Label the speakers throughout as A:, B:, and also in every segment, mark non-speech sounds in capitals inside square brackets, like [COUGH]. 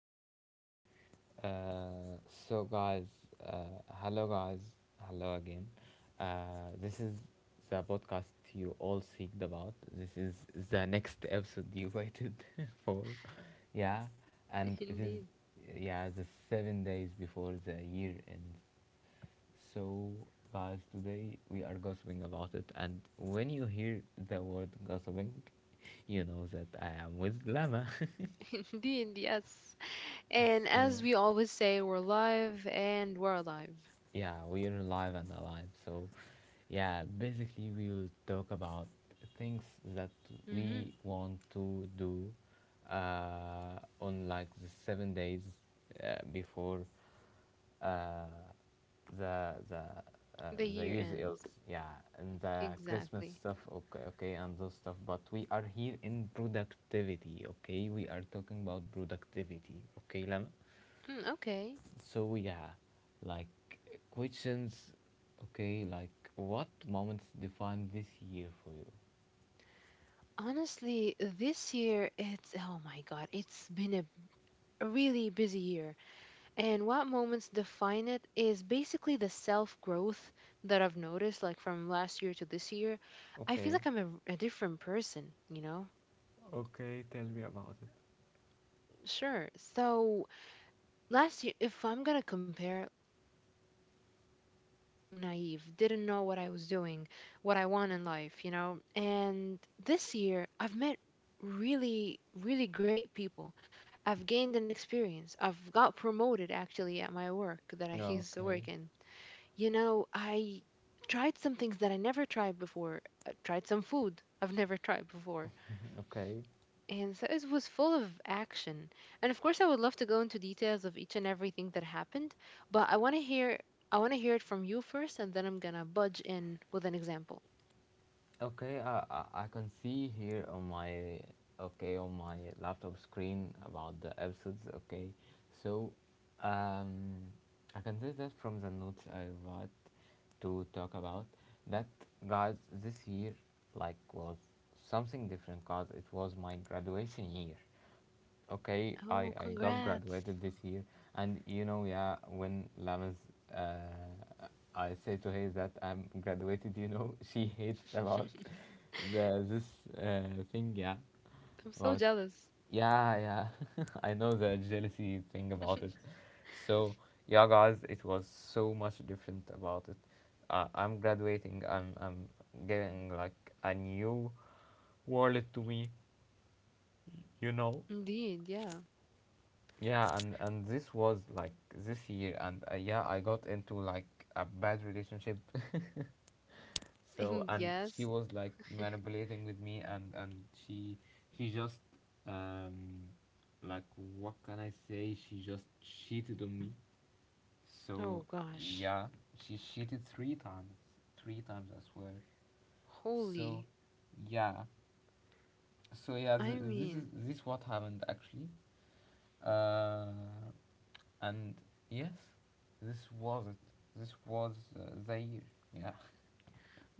A: Okay. Uh, guys, hello, guys, hello again. This is the podcast you all seeked about. This is the next episode you waited [LAUGHS] for, yeah, and
B: Indeed,
A: yeah, the 7 days before the year ends. So, guys, today we are gossiping about it. And when you hear the word gossiping, you know that I am with Lama.
B: [LAUGHS] indeed, yes. And
A: [LAUGHS] so,
B: as we always say, we're live and we're alive.
A: Yeah, we are live and alive. So, yeah, basically, we will talk about things that
B: Hmm.
A: we want to do on like the 7 days before uh, the the
B: The
A: the
B: year
A: year's ills.
B: ends.
A: Yeah, and the Christmas
B: Exactly.
A: stuff. Okay, okay, and those stuff. But we are here in productivity. Okay, we are talking about productivity. Okay, Lama.
B: Mm, okay.
A: So yeah, like questions. Okay, like what moments define this year for you?
B: Honestly, this year, it's, oh my God, it's been a really busy year. And what moments define it is basically the self growth that I've noticed, like from last year to this year. I feel
A: Okay.
B: like I'm a different person, you know?
A: Okay, tell me about it.
B: Sure. So last year, if I'm gonna compare last year, I was just being naive, didn't know what I was doing, what I want in life, you know. And this year I've met really, really great people. I've gained an experience. I've got promoted actually at my work that I [LAUGHS] used to
A: Okay.
B: work in, you know. I tried some things that I never tried before. I tried some food I've never [LAUGHS] tried before.
A: Okay.
B: And so it was full of action. And of course, I would love to go into details of each and everything that happened, but I want to hear it from you first, and then I'm going to budge in with an example.
A: Okay, I can see here on my, okay, on my laptop screen about the episodes. Okay, so um I can say that from the notes I wrote to talk about that, guys, this year like was something different, cause it was my graduation year. Okay, i
B: Oh,
A: i got
B: congrats.
A: graduated this year. And you know, yeah, when Lamans, uh I say to her that I'm graduated, you know, [LAUGHS] she hates about the
B: [LAUGHS]
A: this thing, yeah.
B: I'm so
A: About,
B: jealous.
A: yeah, yeah. [LAUGHS] I know the jealousy thing about it. So yeah, guys, it was so much different about it. I'm graduating. I'm getting like a new world to me. You know.
B: Indeed, yeah.
A: Yeah, and this was like this year, and yeah, I got into like a bad relationship. [LAUGHS]
B: [LAUGHS] And
A: So and
B: yes.
A: she was like manipulating with me, and she just um like what can I say? She just cheated on me.
B: Oh
A: So
B: gosh.
A: yeah, she cheated three times I swear. So
B: Holy.
A: yeah, so yeah,
B: I
A: this is
B: mean,
A: this what happened actually. Uh, and Yes, this was it. This was Zaire. Yeah.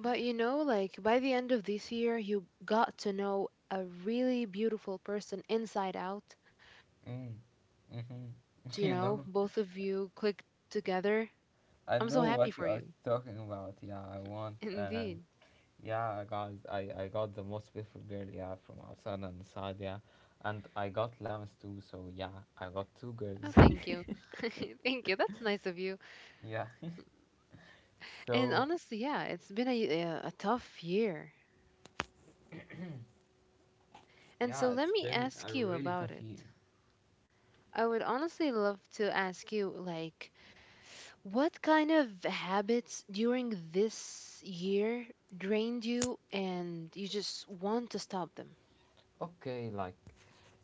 B: but you know, like by the end of this year, you got to know a really beautiful person inside out,
A: Mm.
B: and you're just,
A: Mm-hmm. [LAUGHS]
B: you
A: You
B: know,
A: know.
B: both of you click together.
A: I
B: I'm
A: know
B: so
A: what
B: happy
A: you
B: for
A: are
B: you.
A: talking about. Yeah, I want.
B: [LAUGHS] Indeed.
A: Yeah, guys, I got the most beautiful girl. Yeah, from outside and inside. Yeah, and I got Lambs too. So yeah, I got two
B: Oh,
A: girls.
B: thank you. [LAUGHS] Thank you. That's nice of you.
A: [LAUGHS] Yeah.
B: And
A: So
B: honestly, yeah, it's been a tough year. And
A: yeah,
B: so let
A: it's
B: me
A: been a
B: ask you
A: really
B: about
A: tough
B: it.
A: year.
B: I would honestly love to ask you, like, what kind of habits during this year drained you and you just want to stop them?
A: Okay, like,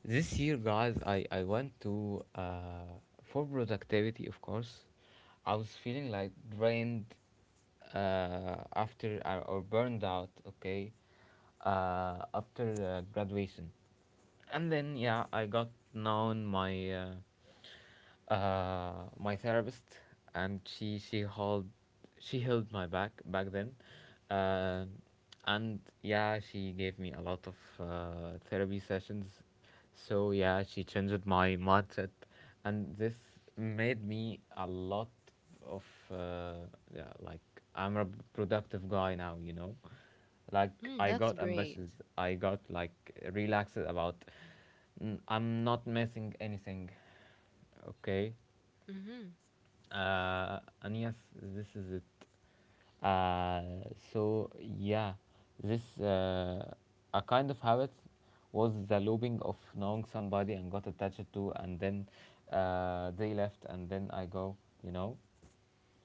A: this year, guys, I went to, for productivity, of course. I was feeling like drained after, or burned out, okay, after graduation. And then, yeah, I got known my. My therapist, and she held, she held my back back then, uh, and yeah, she gave me a lot of therapy sessions. So yeah, she changed my mindset, and this made me a lot of uh, yeah, like I'm a productive guy now, you know. Like
B: Mm,
A: I
B: that's
A: got
B: great.
A: ambitious, I got like relaxed about. Mm, I'm not missing anything. Okay.
B: Mm-hmm.
A: And Yes, this is it. So yeah, this a kind of habit was the looping of knowing somebody and got attached to, and then they left, and then I go. You know,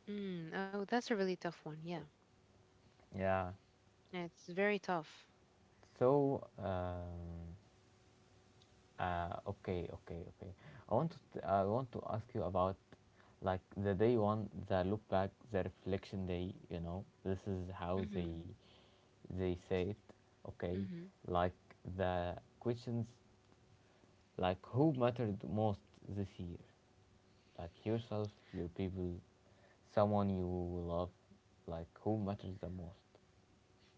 B: Mm, oh, that's a really tough one. Yeah.
A: yeah.
B: It's very tough.
A: So. Okay, okay, okay. I want to ask you about like the day one, the look back, the reflection day. You know, this is how
B: Hmm.
A: they say it. Okay,
B: Hmm.
A: like the questions, like who mattered most this year, like yourself, your people, someone you love, like who matters the most.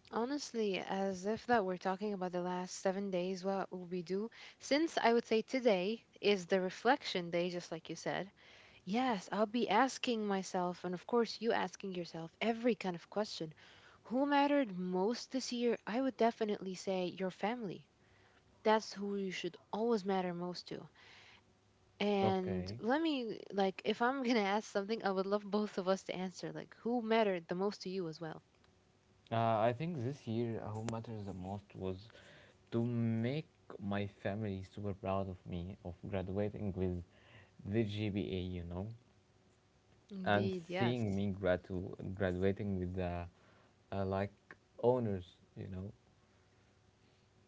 B: Honestly, as if that we're talking about the last 7 days, what will we do? Since I would say today is the reflection day, just like you said. Yes, I'll be asking myself, and of course, you asking yourself every kind of question. Who mattered most this year? I would definitely say your family. That's who you should always matter most to. And
A: Okay.
B: let me, like, if I'm gonna [LAUGHS] ask something, I would love both of us to answer, like, who mattered the most to you as well?
A: I think this year, who matters the most was to make my family super proud of me of graduating with the GPA, you know, and
B: Indeed, yes.
A: seeing me graduating with like honors, you know.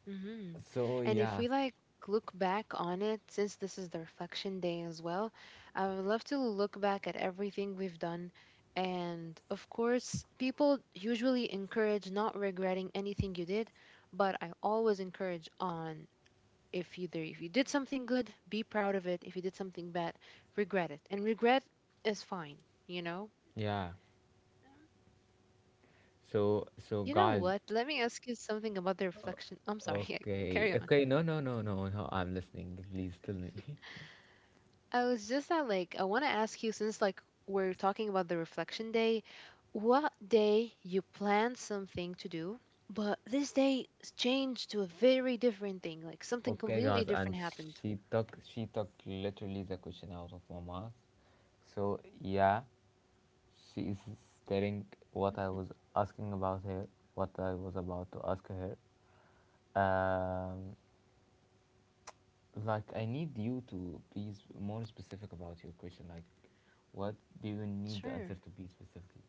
B: Hmm.
A: So
B: And if
A: yeah,
B: we, like, look back on it, since this is the reflection day as well, I would love to look back at everything we've done. And of course, people usually encourage not regretting anything you did, but I always encourage on, if either if you did something good, be proud of it. If you did something bad, regret it. And regret is fine, you know?
A: yeah.
B: Indeed.
A: So
B: And
A: so
B: you know
A: guys,
B: what? Let me ask you something about the reflection. I'm sorry. [LAUGHS] Yeah,
A: okay,
B: carry on.
A: okay. No, no, no, no, no. I'm listening. Please tell me.
B: I was just at, like, I want to ask you, since like we're talking about the reflection day, what day you planned something to do, but this day changed to a very different thing, like
A: [LAUGHS]
B: something
A: Okay,
B: completely
A: guys, and
B: different happened.
A: she took literally the question out of my mouth. So yeah. She is staring what I
B: Mhm.
A: was asking about her, what I was about to ask her. Um, like, I need you to be more specific about your question. Like, what do you need the answer
B: Sure.
A: to be specifically?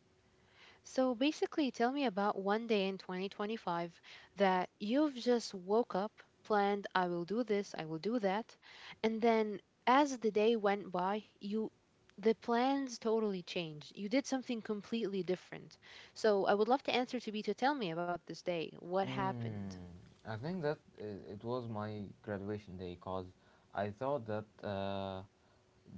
B: So basically, tell me about one day in 2025 that you've just woke up, planned, I will do this, I will do that. And then as the day went by, you the plans totally changed. You did something completely different. So I would love to answer to be to tell me about this day. What happened?
A: Mm, I think that it was my graduation day because I thought that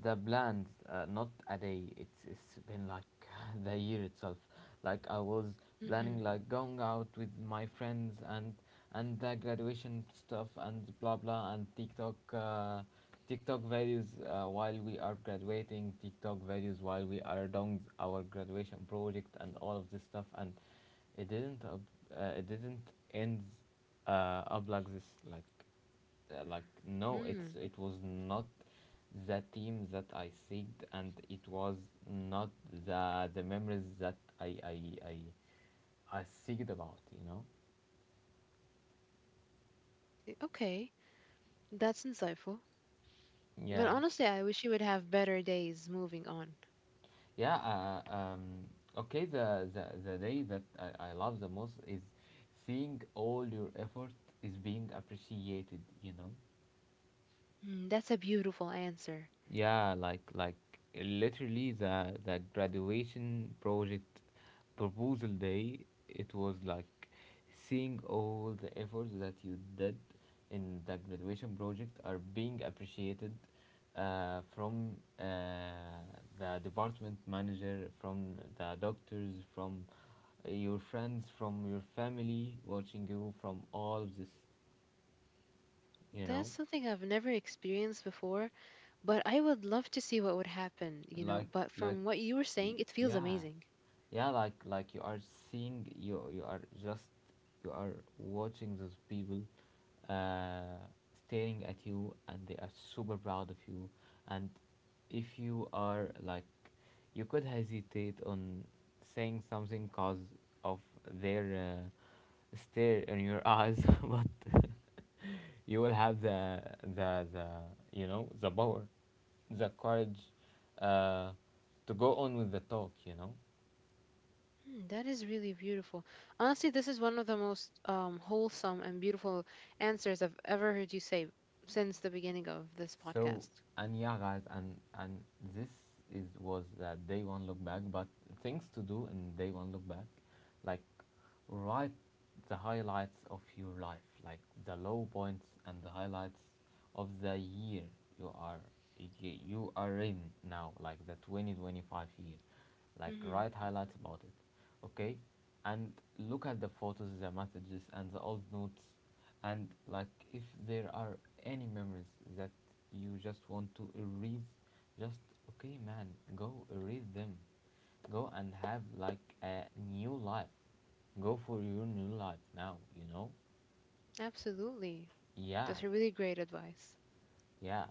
A: the planned, not a day, it's been like [LAUGHS] the year itself. Like I was
B: Mm-hmm.
A: planning like going out with my friends and the graduation stuff and blah blah and TikTok TikTok values while we are graduating, TikTok values while we are doing our graduation project and all of this stuff, and it didn't up, it didn't end up like this. Like no,
B: Mm,
A: it's it was not the team that I seeked, and it was not the memories that I seeked about. You know,
B: Honestly, okay. That's insightful. But
A: yeah.
B: honestly, I wish you would have better days moving on.
A: Yeah, uh, um, okay, the day that I love the most is seeing all your effort is being appreciated, you know?
B: Mm, that's a beautiful answer.
A: Yeah, like literally the graduation project proposal day, it was like seeing all the efforts that you did in the graduation project are being appreciated from the department manager, from the doctors, from your friends, from your family watching you, from all of this, you
B: That's
A: know.
B: something I've never experienced before, but I would love to see what would happen, you know.
A: like
B: But
A: like
B: from what you were saying, it feels
A: yeah,
B: amazing.
A: yeah, like you are seeing, you are just, you are watching those people uh staring at you and they are super proud of you. And if you are like, you could hesitate on saying something cause of their stare in your eyes, [LAUGHS] but you will have the, the the you know, the power, the courage, uh, to go on with the talk, you know.
B: Hmm, that is really beautiful. Honestly, this is one of the most wholesome and beautiful answers I've ever heard you say since the beginning of this
A: So
B: podcast.
A: and yeah, guys, and this is was day one, look back. But things to do in day one look back, like, write the highlights of your life, like the low points and the highlights of the year you are, y- you are in now, like the 2025 year, like write
B: Hmm.
A: highlights about it, okay, and look at the photos, the messages, and the old notes. And like if there are any memories that you just want to erase, just, okay, man, go erase them. Go and have like a new life. Go for your new life now, you know?
B: Absolutely.
A: Yeah,
B: That's a really great advice.
A: yeah.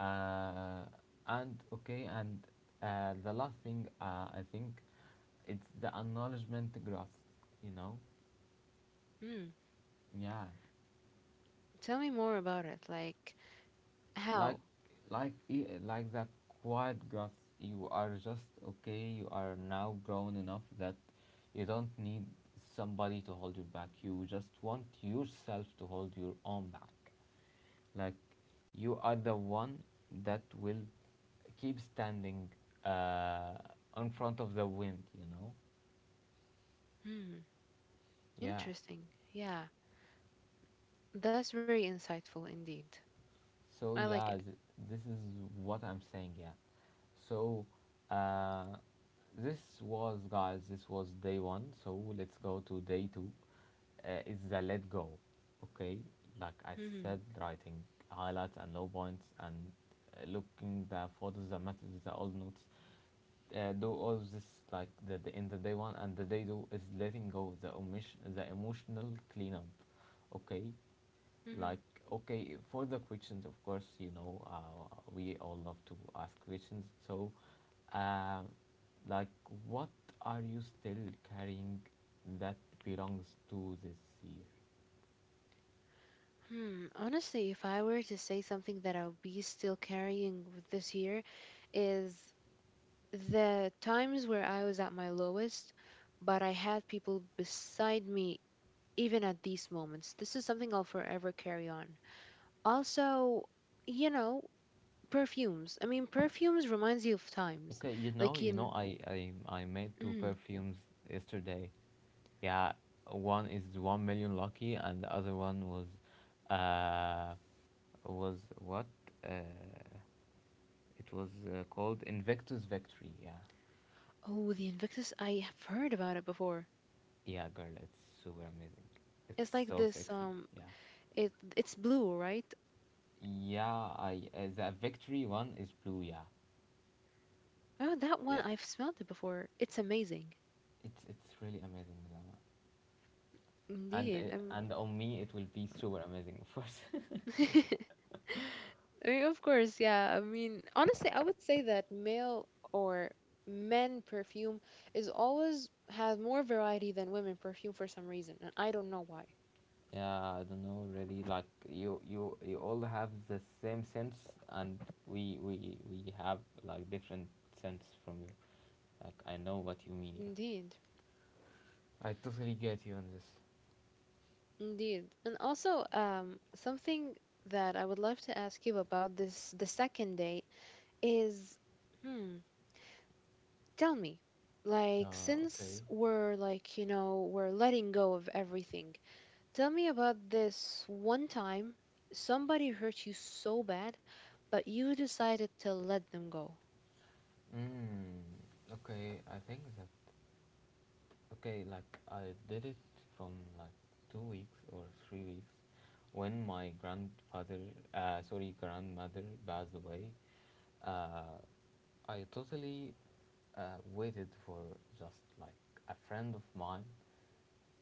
A: Uh, and Okay, and the last thing, I think it's the acknowledgement graphs, you know?
B: Hmm.
A: Yeah,
B: Tell me more about it. Like,
A: like
B: how?
A: like, like the quiet grass, you are just, okay, you are now grown enough that you don't need somebody to hold you back, you just want yourself to hold your own back. Like you are the one that will keep standing uh in front of the wind, you know.
B: Hmm.
A: Yeah.
B: Interesting. Yeah. That's very insightful indeed.
A: So
B: I like
A: yeah,
B: it.
A: this is what I'm saying. Yeah. So, uh, this was, guys. This was day one. So let's go to day two. It's the let go. Okay. Like I said,
B: Hmm.
A: writing highlights and low points and looking the photos, the messages, the old notes. Do all of this, like the, in the day one and the day two is letting go, the omission, the emotional cleanup. Okay.
B: Hmm.
A: Like, okay, for the questions, of course, you know, we all love to ask questions. So, uh, like, what are you still carrying that belongs to this year?
B: Hmm, honestly, if I were to say something that I'll be still carrying with this year is the times where I was at my lowest, but I had people beside me even at these moments. This is something I'll forever carry on. Also, you know, perfumes. I mean, perfumes reminds you of times.
A: Okay, you know,
B: Like in,
A: I made two
B: mm,
A: perfumes yesterday. Yeah, one is 1 million lucky, and the other one uh, was what? Uh, it was called Invictus Victory. Yeah.
B: oh, the Invictus, I have heard about it before.
A: Yeah, girl, it's super amazing. It's
B: It's like
A: so
B: this,
A: sexy.
B: um
A: Yeah.
B: it it's blue, right?
A: Yeah, I the victory one is blue. Yeah,
B: Oh, that one
A: yeah.
B: I've smelled it before. It's amazing.
A: It's really amazing, Zama. And
B: Indeed.
A: uh, and on me, it will be super amazing, of course. [LAUGHS]
B: [LAUGHS] I mean, of course, yeah. I mean, honestly, I would say that male or men perfume is always has more variety than women perfume for some reason, and I don't know why.
A: Yeah, I don't know, really. Like you all have the same sense, and we have like different sense from you. Like I know what you mean. Yeah.
B: Indeed.
A: I totally get you on this.
B: Indeed. And also, something that I would love to ask you about this the second date is, hmm, tell me, like, since
A: Okay.
B: we're like, we're letting go of everything. Tell me about this one time somebody hurt you so bad, but you decided to let them go.
A: Mm, okay, I think the okay, like I did it from like 2 weeks or 3 weeks when my grandfather, sorry, grandmother passed away. Uh, I totally waited for just like a friend of mine.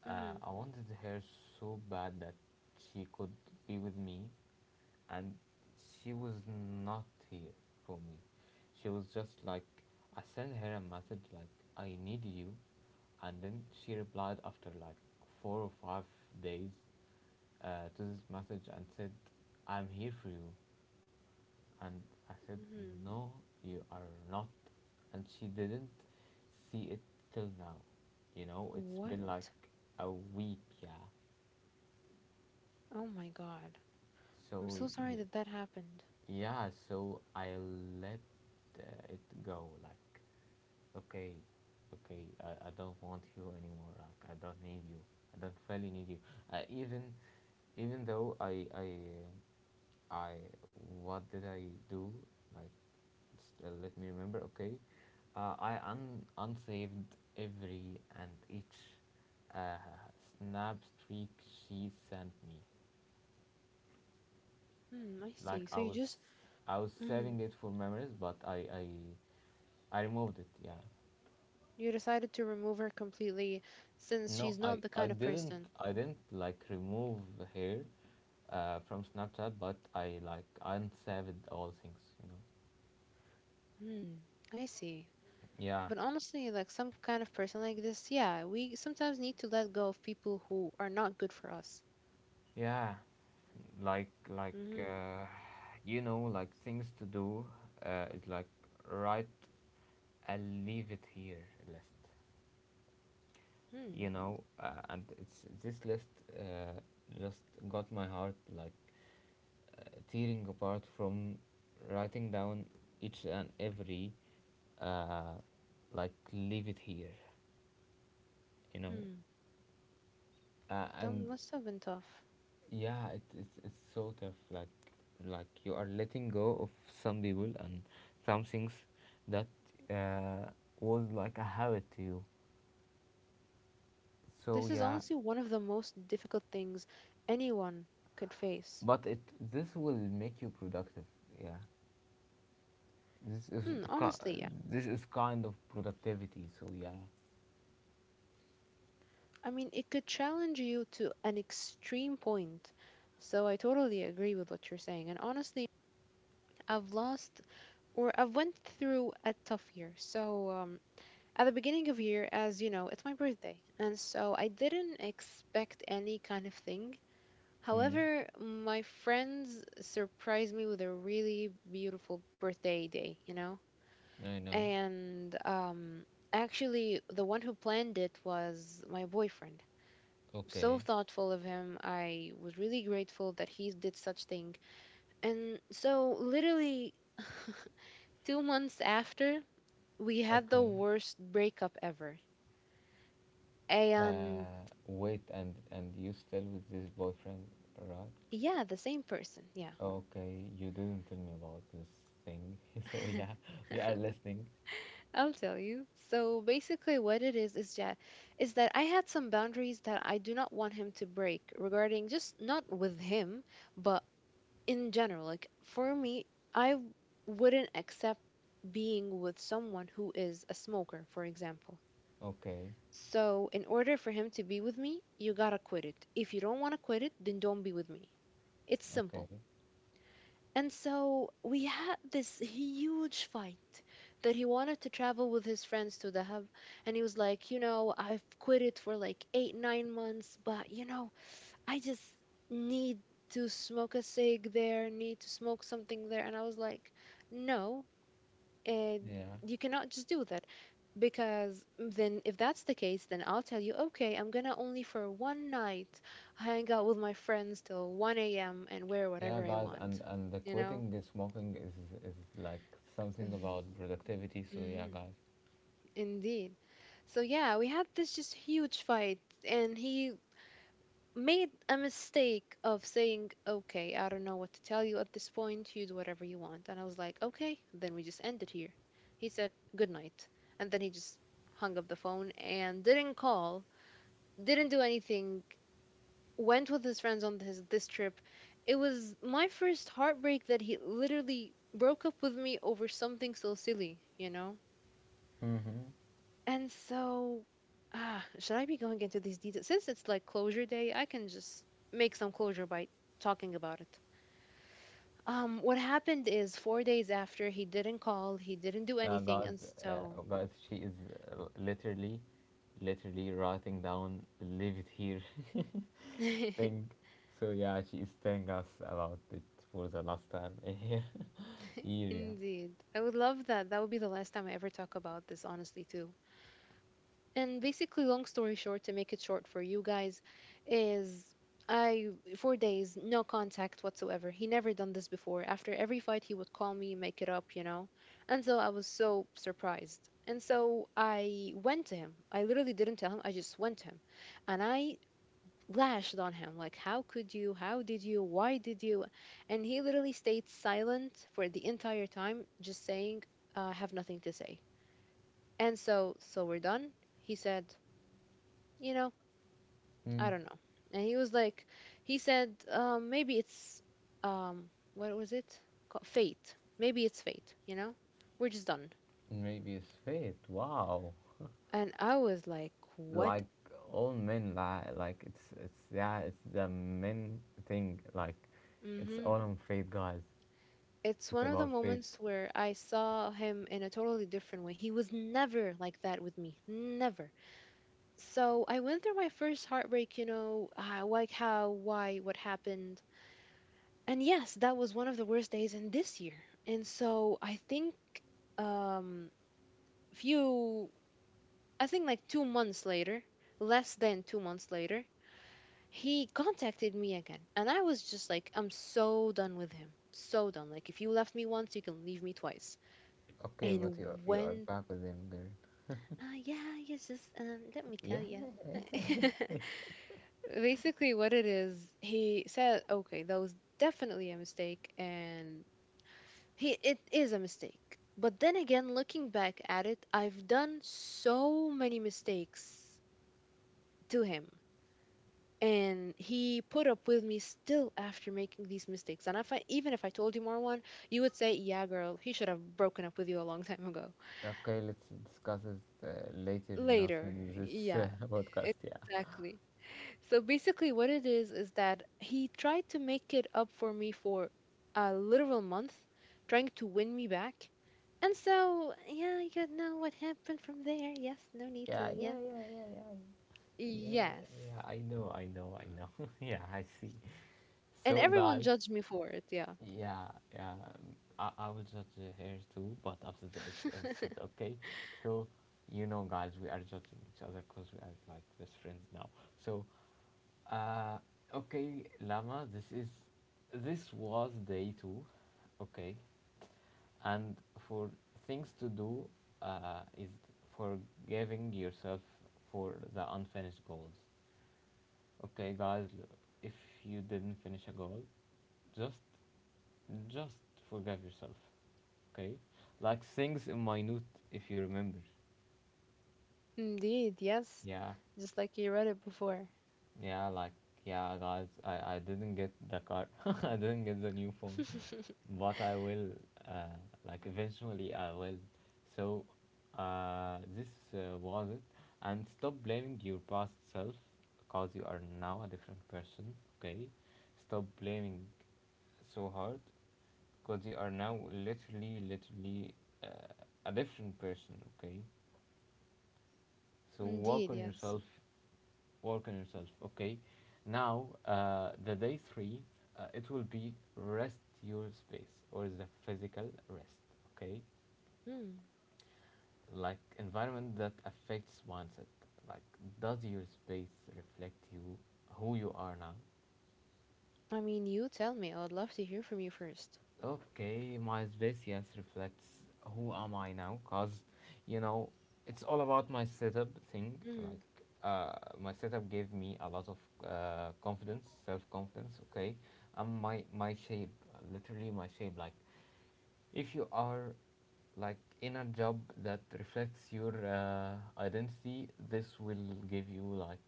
B: Hmm.
A: I wanted her so bad that she could be with me, and she was not here for me. She was just like, I sent her a message like, I need you, and then she replied after like 4 or 5 days to this message and said, I'm here for you. And I said,
B: Hmm.
A: no, you are not. And she didn't see it till now. You know, it's been
B: What?
A: like a week, yeah.
B: Oh my God. I'm
A: So,
B: so
A: yeah.
B: sorry that that happened.
A: Yeah, so I let it go. Like, okay, okay, I don't want you anymore. Like, I don't need you. I don't really need you. Even, even though uh, I, what did I do? Like, just, let me remember. Okay, I un unsaved every and each uh, snap streak she sent me.
B: Hmm, I
A: Like
B: see. So you just,
A: I was
B: mm,
A: saving it for memories, but I removed it. Yeah.
B: you decided to remove her completely, since
A: No,
B: she's not the kind of person.
A: I didn't like remove hair, from Snapchat, but I like unsaved all things.
B: Hmm, I see.
A: Yeah,
B: But honestly, like some kind of person like this, yeah, we sometimes need to let go of people who are not good for us.
A: yeah, like like
B: Mm-hmm.
A: uh, like things to do. It's like right. I'll leave it here list. And it's this list, uh, just got my heart like tearing apart from writing down each and every uh, like leave it here you know
B: Hmm. That
A: and
B: must have been tough.
A: yeah, it's so tough, like you are letting go of some people and some things that uh, was like a habit to you, so
B: This is
A: yeah.
B: honestly one of the most difficult things anyone could face.
A: But it this will make you productive. Yeah, this is
B: Mm,
A: ki-
B: honestly, yeah.
A: this is kind of productivity, so yeah.
B: I mean, it could challenge you to an extreme point. So I totally agree with what you're saying. And honestly, I've lost, or I've went through a tough year. So at the beginning of year, as you know, it's my birthday, and so I didn't expect any kind of thing.
A: Mm,
B: However, my friends surprised me with a really beautiful birthday day, you know?
A: I know.
B: And actually, the one who planned it was my boyfriend. So
A: Okay,
B: thoughtful of him. I was really grateful that he did such thing. And so, literally, 2 months after, we had the
A: okay.
B: worst breakup ever. And
A: Wait, and you still with this boyfriend, right?
B: yeah, the same person. Yeah.
A: Okay, you didn't tell me about this thing. [LAUGHS] So
B: [LAUGHS]
A: yeah, we are listening.
B: I'll tell you. So basically, what it is is that I had some boundaries that I do not want him to break, regarding just not with him, but in general, like, for me, i w- wouldn't accept being with someone who is a smoker, for example.
A: Okay,
B: So, in order for him to be with me, you gotta quit it. If you don't want to quit it, then don't be with me. It's
A: okay.
B: simple. And so we had this huge fight, that he wanted to travel with his friends to the hub. And he was like, you know, I've quit it for like 8-9 months, but you know, I just need to smoke a cig there, need to smoke something there. And I was like, no, uh,
A: Yeah,
B: you cannot just do that. Because then, if that's the case, then I'll tell you, okay, I'm gonna only for one night hang out with my friends till 1 a.m. and wear
A: yeah,
B: whatever I
A: guys, and
B: want,
A: and the
B: you know?
A: quitting the smoking is like something about productivity. So
B: Mm-hmm.
A: yeah, guys.
B: Indeed. So yeah, we had this just huge fight, and he made a mistake of saying, okay, I don't know what to tell you at this point. You do whatever you want. And I was like, okay, then we just end it here. He said, good night. And then he just hung up the phone and didn't call, didn't do anything, went with his friends on his, this trip. It was my first heartbreak that he literally broke up with me over something so silly, you know?
A: Mm-hmm.
B: And so, ah, should I be going into these details? Since it's like closure day, I can just make some closure by talking about it. What happened is 4 days after he didn't call, he didn't do
A: Yeah,
B: anything,
A: guys,
B: and so.
A: guys, she is uh, literally, literally writing down. Leave it here. [LAUGHS]
B: [LAUGHS]
A: thing. So yeah, she is telling us about it for the last time [LAUGHS] here. Yeah.
B: Indeed, I would love that. That would be the last time I ever talk about this, honestly, too. And basically, long story short, to make it short for you guys, is I, 4 days, no contact whatsoever. He never done this before. After every fight, he would call me, make it up, you know. And so I was so surprised. And so I went to him. I literally didn't tell him. I just went to him, and I lashed on him like, "How could you? How did you? Why did you?" And he literally stayed silent for the entire time, just saying, "I have nothing to say." And so, we're done. He said, "You know."
A: Mm,
B: I don't know. And he was like, he said, maybe it's, um, what was it? Fate. Maybe it's fate, you know? We're just done.
A: maybe it's fate. Wow.
B: And I was like, what?
A: Like all men lie. Like it's yeah. It's the men thing. Like it's
B: hmm
A: all on fate, guys.
B: It's
A: It's
B: one of the
A: about fate.
B: moments where I saw him in a totally different way. He was never like that with me. Never. So I went through my first heartbreak, like how, why, what happened. And yes, that was one of the worst days in this year. And so I think um few I think like 2 months later, less than 2 months later, he contacted me again. And I was just like, I'm so done with him. So done. Like, if you left me once, you can leave me twice.
A: Okay, but
B: And
A: you are
B: when,
A: back with him, girl.
B: yeah, you just, let me tell
A: Yeah,
B: you.
A: yeah, yeah.
B: [LAUGHS] Basically, what it is, he said, okay, that was definitely a mistake. And he, it is a mistake. But then again, looking back at it, I've done so many mistakes to him. And he put up with me still after making these mistakes. And if I, even if I told you, Marwan, you would say, yeah girl, he should have broken up with you a long time ago.
A: Yeah. Okay, let's discuss it later, not
B: Later,
A: in this
B: yeah.
A: [LAUGHS] podcast. Yeah.
B: Exactly. So basically what it is that he tried to make it up for me for a literal month, trying to win me back. And so yeah, you know what happened from there. Yes, no need to.
A: Yeah,
B: Yeah,
A: yeah, yeah,
B: yes.
A: yeah, yeah. I know, I know, I know. [LAUGHS] Yeah, I see.
B: And
A: So
B: everyone
A: guys,
B: judged me for it. Yeah.
A: yeah, yeah, I will judge the hair too, but after the episode,
B: [LAUGHS]
A: okay? So, guys, we are judging each other because we are like best friends now. So, uh, okay, Lama, this was day two, okay? And for things to do, is forgiving yourself for the unfinished goals. Okay, guys, if you didn't finish a goal, just just forgive yourself, okay? Like things in minute, if you remember.
B: Indeed, yes.
A: Yeah,
B: Just like you read it before.
A: yeah, like yeah, guys. I didn't get the car. [LAUGHS] I didn't get the new phone,
B: [LAUGHS]
A: but I will. Uh, like eventually I will. So, this was it. And stop blaming your past self, because you are now a different person. Okay, stop blaming so hard because you are now literally uh, a different person. Okay, so
B: Indeed,
A: work on
B: yes.
A: yourself. Work on yourself. Okay, now the day three, it will be rest your space or the physical rest. Okay,
B: Hmm.
A: like environment that affects mindset. Like, does your space reflect you, who you are now?
B: I mean, you tell me. I would love to hear from you first.
A: Okay, my space yes reflects who am I now? Cause you know it's all about my setup thing.
B: Mm.
A: Like uh, my setup gave me a lot of confidence, self confidence. Okay, I'm my shape, literally my shape. Like if you are like in a job that reflects your identity, this will give you like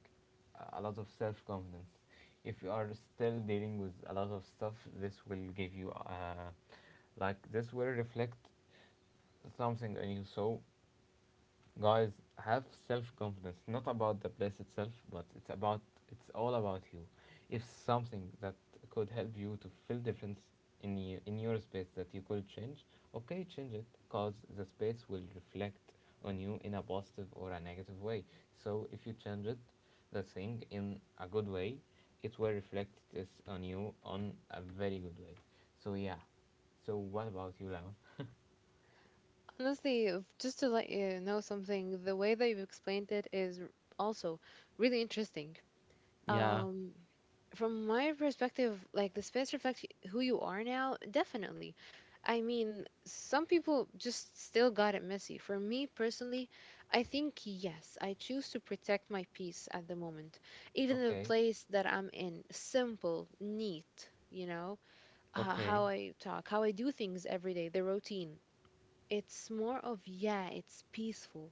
A: a lot of self confidence. If you are still dealing with a lot of stuff, this will give you, like this will reflect something on you. So guys, have self-confidence, not about the place itself, but it's about, it's all about you. If something that could help you to feel difference in you, in your space, that you could change, okay, change it, because the space will reflect on you in a positive or a negative way. So if you change it, the thing, in a good way, it will reflect this on you on a very good way. So yeah, so what about you, Lama?
B: Honestly, just to let you know something, the way that you've explained it is also really interesting.
A: Yeah.
B: um from my perspective, like, the space reflects who you are now, definitely. I mean, some people just still got it messy. For me personally, I think yes, I choose to protect my peace at the moment. Even the
A: Okay.
B: place that I'm in, simple, neat, you know.
A: Okay.
B: How I talk, how I do things every day, the routine, it's more of, yeah, it's peaceful.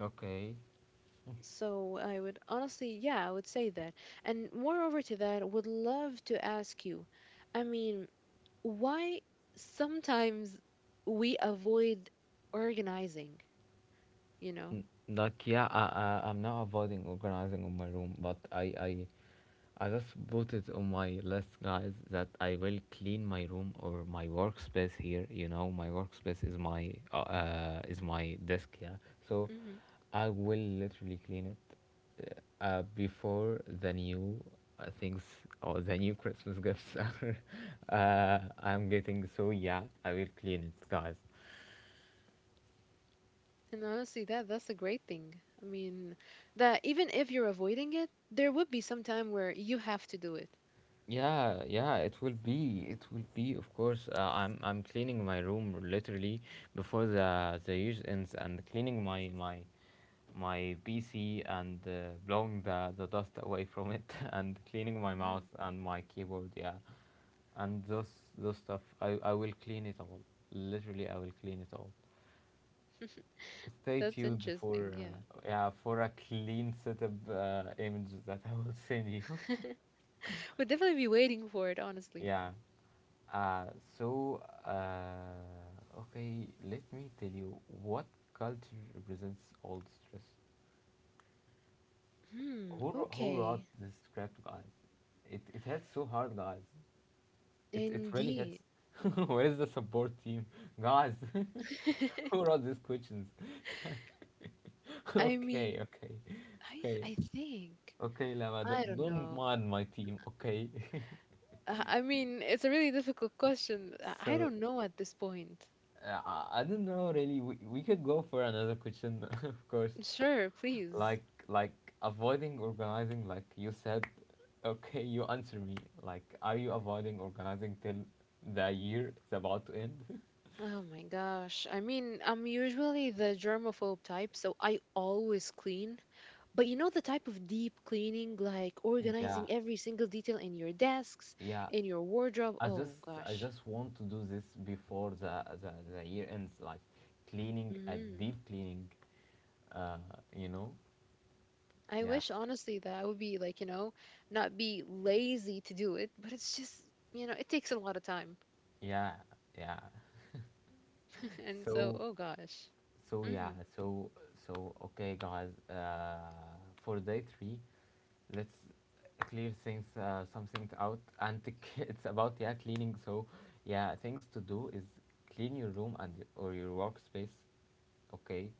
A: Okay.
B: So I would honestly, yeah, I would say that. And moreover to that, would love to ask you, I mean, why sometimes we avoid organizing, you know?
A: Like yeah, I'm not avoiding organizing on my room, but I I just put it on my list, guys, that I will clean my room or my workspace here. You know, my workspace is my desk, yeah. So
B: hmm
A: I will literally clean it before the new things or the new Christmas gifts [LAUGHS] are. I'm getting, so yeah, I will clean it, guys.
B: And honestly, that that's a great thing. I mean, that even if you're avoiding it, there would be some time where you have to do it.
A: Yeah, yeah, it will be. It will be, of course. I'm cleaning my room literally before the use ends and cleaning my PC and blowing the dust away from it [LAUGHS] and cleaning my
B: Mm,
A: mouse and my keyboard. Yeah, and those stuff. I will clean it all. Literally, I will clean it all. Stay
B: that's
A: tuned
B: interesting,
A: for
B: yeah.
A: yeah, for a clean setup image that I will send you.
B: [LAUGHS] We'd definitely be waiting for it,
A: [LAUGHS]
B: honestly.
A: Yeah. Uh, so, okay, let me tell you what culture represents all stress.
B: Hmm,
A: Who wrote
B: okay.
A: this script, guys? It hits so hard, guys. It really hits.
B: Indeed.
A: [LAUGHS] Where is the support team? Guys, [LAUGHS] who
B: [LAUGHS]
A: wrote these questions? [LAUGHS]
B: I mean,
A: Okay, okay,
B: I
A: okay,
B: I think.
A: okay, Lama,
B: I don't
A: don't
B: know.
A: mind my team, okay?
B: I mean, it's a really difficult question.
A: [LAUGHS]
B: I
A: So,
B: don't know at this point.
A: I don't know really. We could go for another question, [LAUGHS] of course.
B: Sure, please.
A: Like avoiding organizing like you said. Okay, you answer me, like, are you avoiding organizing till the year is about to end? [LAUGHS]
B: Oh my gosh. I mean, I'm usually the germaphobe type, so I always clean. But you know the type of deep cleaning, like
A: Yeah,
B: organizing every single detail in your desks,
A: yeah.
B: in your wardrobe.
A: i just
B: Oh
A: I
B: gosh.
A: just want to do this before the year ends, like, cleaning, a
B: hmm
A: deep cleaning. uh you know
B: I
A: yeah,
B: wish honestly that I would be like, you know, not be lazy to do it, but it's just, you know, it takes a lot of time.
A: yeah, yeah.
B: And so,
A: so
B: oh gosh.
A: so
B: hmm
A: yeah, so okay guys, for day three, let's clear things, some things out. And [LAUGHS] it's about, yeah, cleaning. So yeah, things to do is clean your room and or your workspace, okay.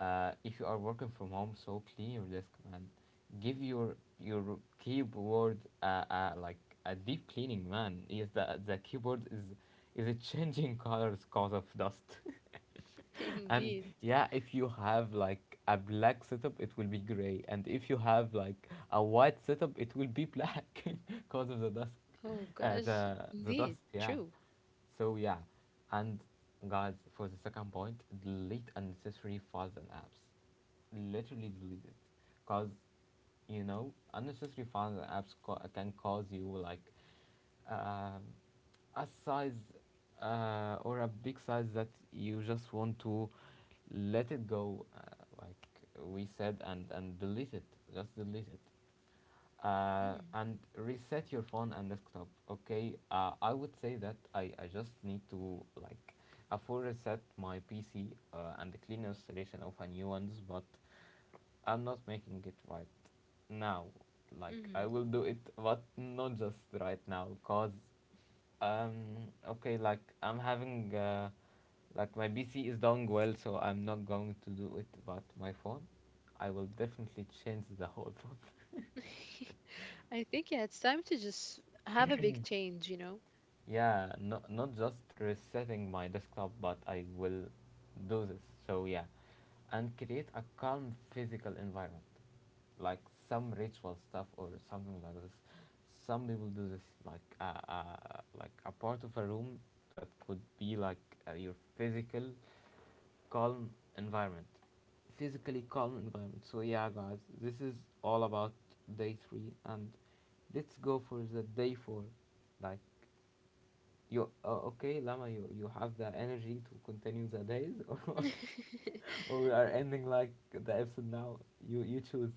A: If you are working from home, so clean your desk, man. Give your keyboard, like a deep cleaning, man. Yes, the keyboard, is it changing [LAUGHS] colors cause of dust? [LAUGHS]
B: [LAUGHS]
A: [LAUGHS] And
B: Indeed.
A: yeah, if you have like a black setup it will be gray, and if you have like a white setup it will be black [LAUGHS] because of the dust.
B: Oh gosh.
A: The
B: Indeed.
A: dust, yeah.
B: True.
A: So yeah. And guys, for the second point, delete unnecessary files and apps. Literally delete it. Because you know unnecessary files and apps can cause you like, um, a size, or a big size, that you just want to let it go, like we said, and delete it. Just delete it. And reset your phone and desktop, okay. I would say that I just need to, like, a full reset my PC, and the clean installation of a new ones, but I'm not making it right now. Like
B: Mm-hmm.
A: I will do it but not just right now. Cause um okay, like I'm having like my PC is doing well, so I'm not going to do it. But my phone, I will definitely change the whole [LAUGHS] phone.
B: [LAUGHS] I think, yeah, it's time to just have a big change, you know?
A: Yeah, not just resetting my desktop, but I will do this. So yeah, and create a calm physical environment, like some ritual stuff or something like this. Some people do this like a part of a room that could be like your physical calm environment, physically calm environment. So yeah, guys, this is all about day three, and let's go for the day four, like you, okay, Lama? You have the energy to continue the days, [LAUGHS] or
B: [LAUGHS]
A: or we are ending like the episode now? You choose.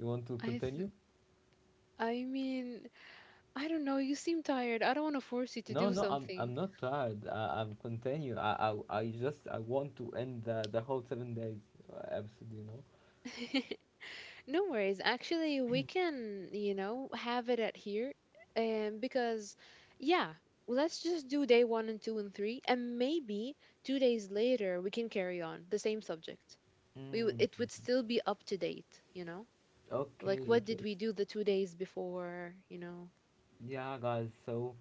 A: You want to
B: I th-
A: continue?
B: I mean, I don't know. You seem tired. I don't want to force you to
A: No,
B: do
A: no, I'm
B: something.
A: not tired. I'm continue. I want to end the whole 7 days episode. You know.
B: [LAUGHS] No worries. Actually, we can, you know, have it at here. And because, yeah, let's just do day one and two and three, and maybe 2 days later we can carry on the same subject.
A: Mm,
B: It would still be up to date, you know? Like
A: okay, it
B: what did
A: was.
B: we do the 2 days before, you know? [LAUGHS]
A: Yeah, guys.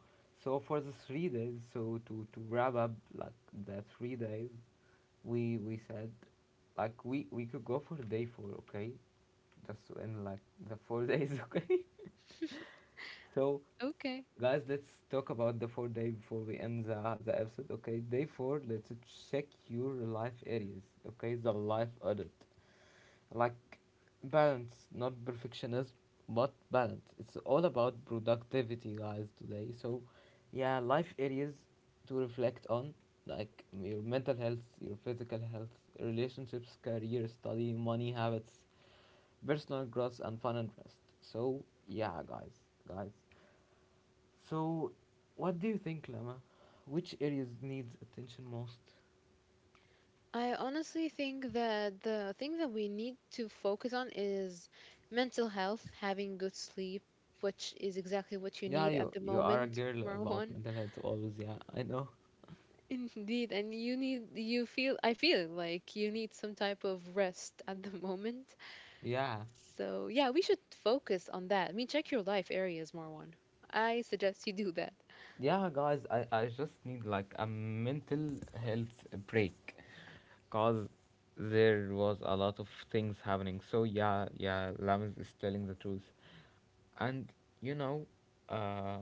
A: So for the 3 days, so to wrap up like the 3 days, we said, like we could go for day four, okay? Just in like the 4 days, [LAUGHS] okay? So,
B: Okay.
A: guys, let's talk about the 4 day before we end the episode, okay? Day four, let's check your life areas, okay? The life audit. Like, balance, not perfectionism, but balance. It's all about productivity, guys, today. So, yeah, life areas to reflect on, like your mental health, your physical health, relationships, career, study, money habits, personal growth and fun and rest. So yeah, guys, guys. So, what do you think, Lama? Which areas needs attention most?
B: I honestly think that the thing that we need to focus on is mental health, having good sleep, which is exactly what you
A: Yeah,
B: need at the
A: you are a
B: moment,
A: girl
B: [LAUGHS]
A: about
B: Marwan.
A: mental health always. Yeah, I know.
B: Indeed, and you feel I feel like you need some type of rest at the [LAUGHS] moment.
A: Yeah,
B: So yeah, we should focus on that. I mean, check your life areas, Marwan. I suggest you do that.
A: yeah, guys. I just need like a mental health break, cause there was a lot of things happening. So yeah, yeah, Lamas is telling the truth. And you know uh,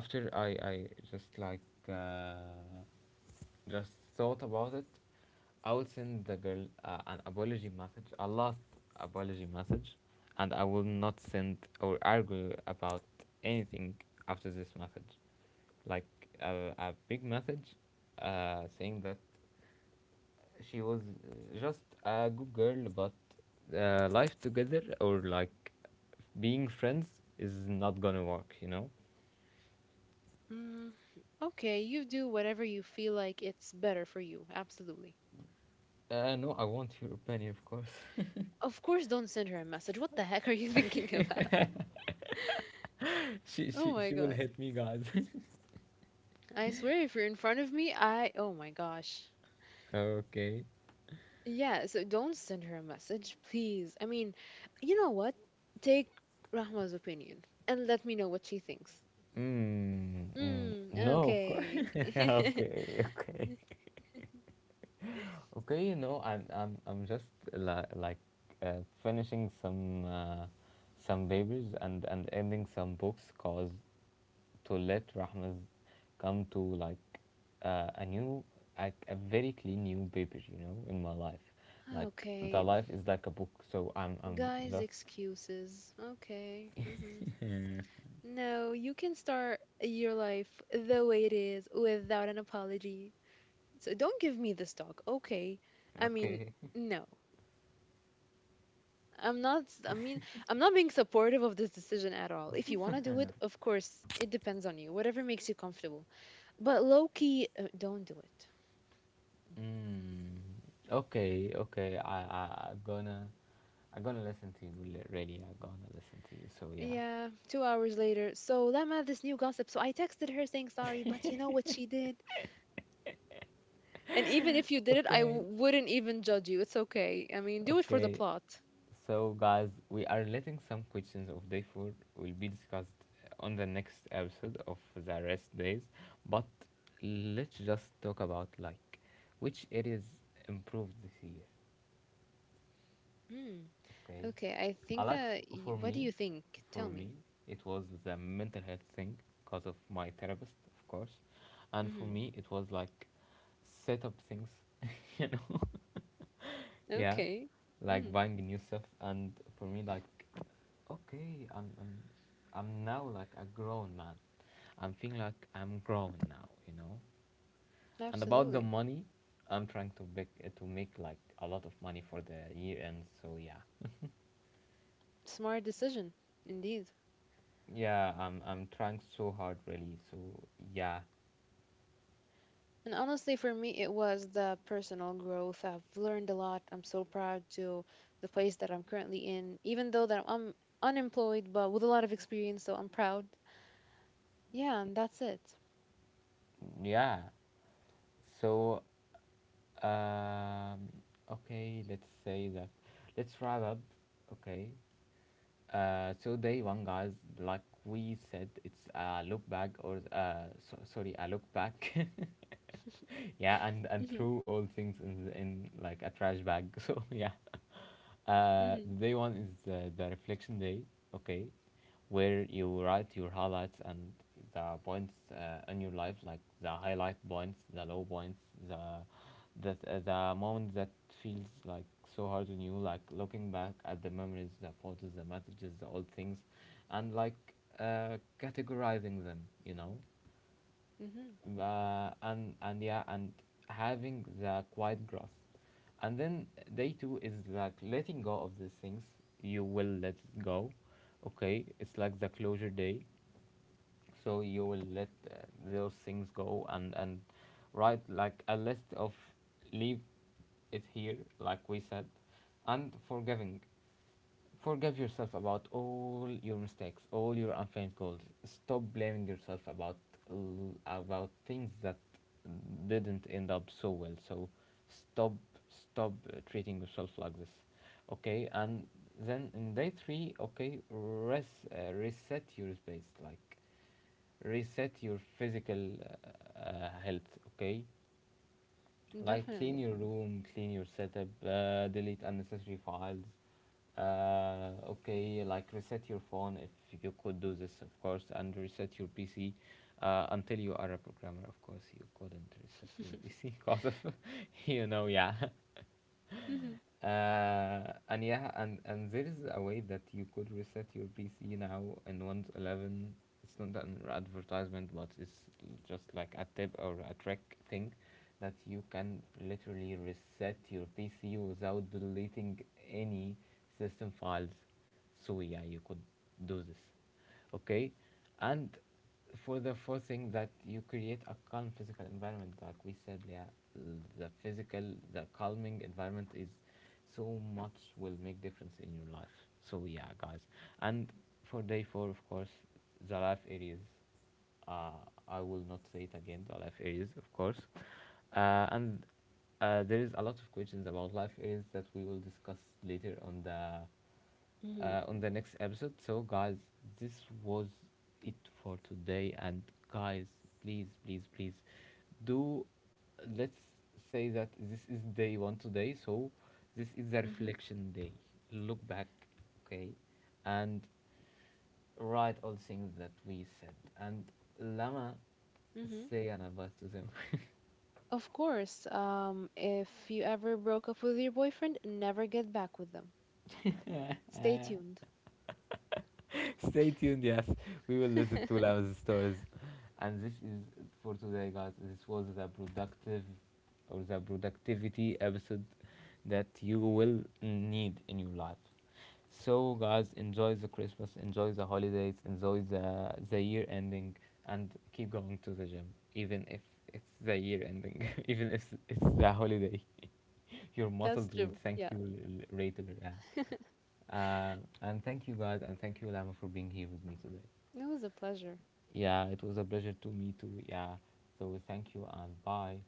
A: After I just like uh, just thought about it, I will send the girl an apology message, a last apology message, and I will not send or argue about anything after this message, like a big message saying that she was just a good girl, but life together or like being friends is not gonna work.
B: Mm, okay, you do whatever you feel like it's better for you. Absolutely.
A: No, I want your opinion, of course. [LAUGHS]
B: Of course, don't send her a message. What the heck are you [LAUGHS] thinking about?
A: she, she,
B: Oh
A: she
B: my
A: will
B: god.
A: hit me, guys.
B: I swear, if you're in front of me, I. Oh my gosh.
A: [LAUGHS] Okay.
B: Yeah, so don't send her a message, please. I mean, you know what? Take Rahma's opinion and let me know what she thinks.
A: Mm, mm,
B: Hmm,
A: no, of course.
B: okay.
A: [LAUGHS]
B: [LAUGHS]
A: Okay, okay, okay. You know, I'm just li- like uh, finishing some papers and ending some books, cause to let Rahma's come to like a new, like a very clean new paper. You know, in my life, like
B: Okay.
A: the life is like a book. So I'm
B: Guys,
A: just
B: excuses. Okay. No, you can start your life the way it is without an apology. So don't give me this talk, okay? I mean,
A: okay.
B: no. I'm not, I mean, I'm not being supportive of this decision at all. If you
A: Yeah.
B: want to do it, of course, it depends on you, whatever makes you comfortable. But low key, don't do it.
A: Mm. Okay, okay. I I'm gonna listen to you. Really, I'm gonna listen to you. So yeah.
B: Yeah, 2 hours later. So Lama, this new gossip. So I texted her saying sorry, but you know what she did? And even if you did it,
A: Okay,
B: wouldn't even judge you. It's okay. I mean, do it for the
A: okay.
B: plot.
A: So guys, we are letting some questions of day four will be discussed on the next episode of the rest days. But let's just talk about like which areas improved this year.
B: Hmm.
A: Okay.
B: Okay, I think that.
A: For
B: What do
A: me,
B: you think?
A: for
B: Tell
A: me,
B: me.
A: it was the mental health thing because of my therapist, of course, and for
B: Mm-hmm.
A: me, it was like set up things, [LAUGHS] you know, [LAUGHS] yeah,
B: Okay.
A: like
B: Mm-hmm.
A: buying new stuff, and for me, like, okay, I'm now like a grown man. I'm feeling like I'm grown now, you know. And about the
B: Absolutely.
A: money, I'm trying to make like a lot of money for the year end. So yeah.
B: Smart decision, indeed.
A: Yeah, I'm trying so hard really. So yeah,
B: And honestly, for me, it was the personal growth. I've learned a lot. I'm so proud to the place that I'm currently in, even though that I'm unemployed, but with a lot of experience, so I'm proud. Yeah, and that's it.
A: yeah. So um, okay, let's say that. Let's wrap up. Okay. So day one, guys. Like we said, it's a look back sorry, a look back. [LAUGHS] Yeah, and
B: Mhm,
A: through all things in like a trash bag. [LAUGHS] So yeah.
B: mhm,
A: The day one is the reflection day, okay, where you write your highlights and the points in your life, like the highlight points, the low points, the the moment that feels like so hard on you, like looking back at the memories, the photos, the messages, the old things, and like categorizing them, you know
B: mhm.
A: and yeah, and having the quiet growth, and then day two is like letting go of these things, you will let it go. Okay, it's like the closure day, so you will let those things go, and write like a list of leave it here like we said, and forgiving. Forgive yourself about all your mistakes, all your unfamed goals. Stop blaming yourself about about things that didn't end up so well. So stop stop treating yourself like this. Okay, and then in day 3, okay, reset your space, like reset your physical health, okay? Like clean
B: Definitely.
A: your room, clean your setup, delete unnecessary files. Okay, like reset your phone if you could do this, of course, and reset your PC. Until you are a programmer, of course, you couldn't reset your
B: [LAUGHS]
A: PC because of, [LAUGHS] you know, yeah.
B: Mhm,
A: And yeah, and there is a way that you could reset your PC now in Windows 11. It's not an advertisement, but it's just like a tip or a trick thing that you can literally reset your PC without deleting any system files. So yeah, you could do this. Okay, and for the fourth thing, that you create a calm physical environment like we said. Yeah, the physical, the calming environment is so much will make difference in your life. So yeah, guys, and for day four, of course, the life areas, uh, I will not say it again, the life areas, of course, and there is a lot of questions about life areas that we will discuss later
B: mhm,
A: on the next episode. So, guys, this was it for today. And, guys, please, please, please do, let's say that this is day one today. So, this is a
B: mhm,
A: reflection day. Look back, okay, and write all things that we said. And, Lama,
B: mhm.
A: say an advice to them.
B: Of course, if you ever broke up with your boyfriend, never get back with them. Stay tuned.
A: Stay tuned, yes. We will listen to
B: [LAUGHS]
A: Lama's stories. And this is it for today, guys. This was the productive or the productivity episode that you will need in your life. So, guys, enjoy the Christmas, enjoy the holidays, enjoy the year ending, and keep going to the gym, even if it's the year ending, [LAUGHS] even if it's the holiday. [LAUGHS] Your
B: That's
A: muscles
B: true.
A: will
B: Yeah.
A: thank you later. Yeah.
B: [LAUGHS]
A: And thank you, guys, and thank you, Lama, for being here with me today.
B: It was a pleasure.
A: Yeah, it was a pleasure to me too. Yeah. So thank you and bye.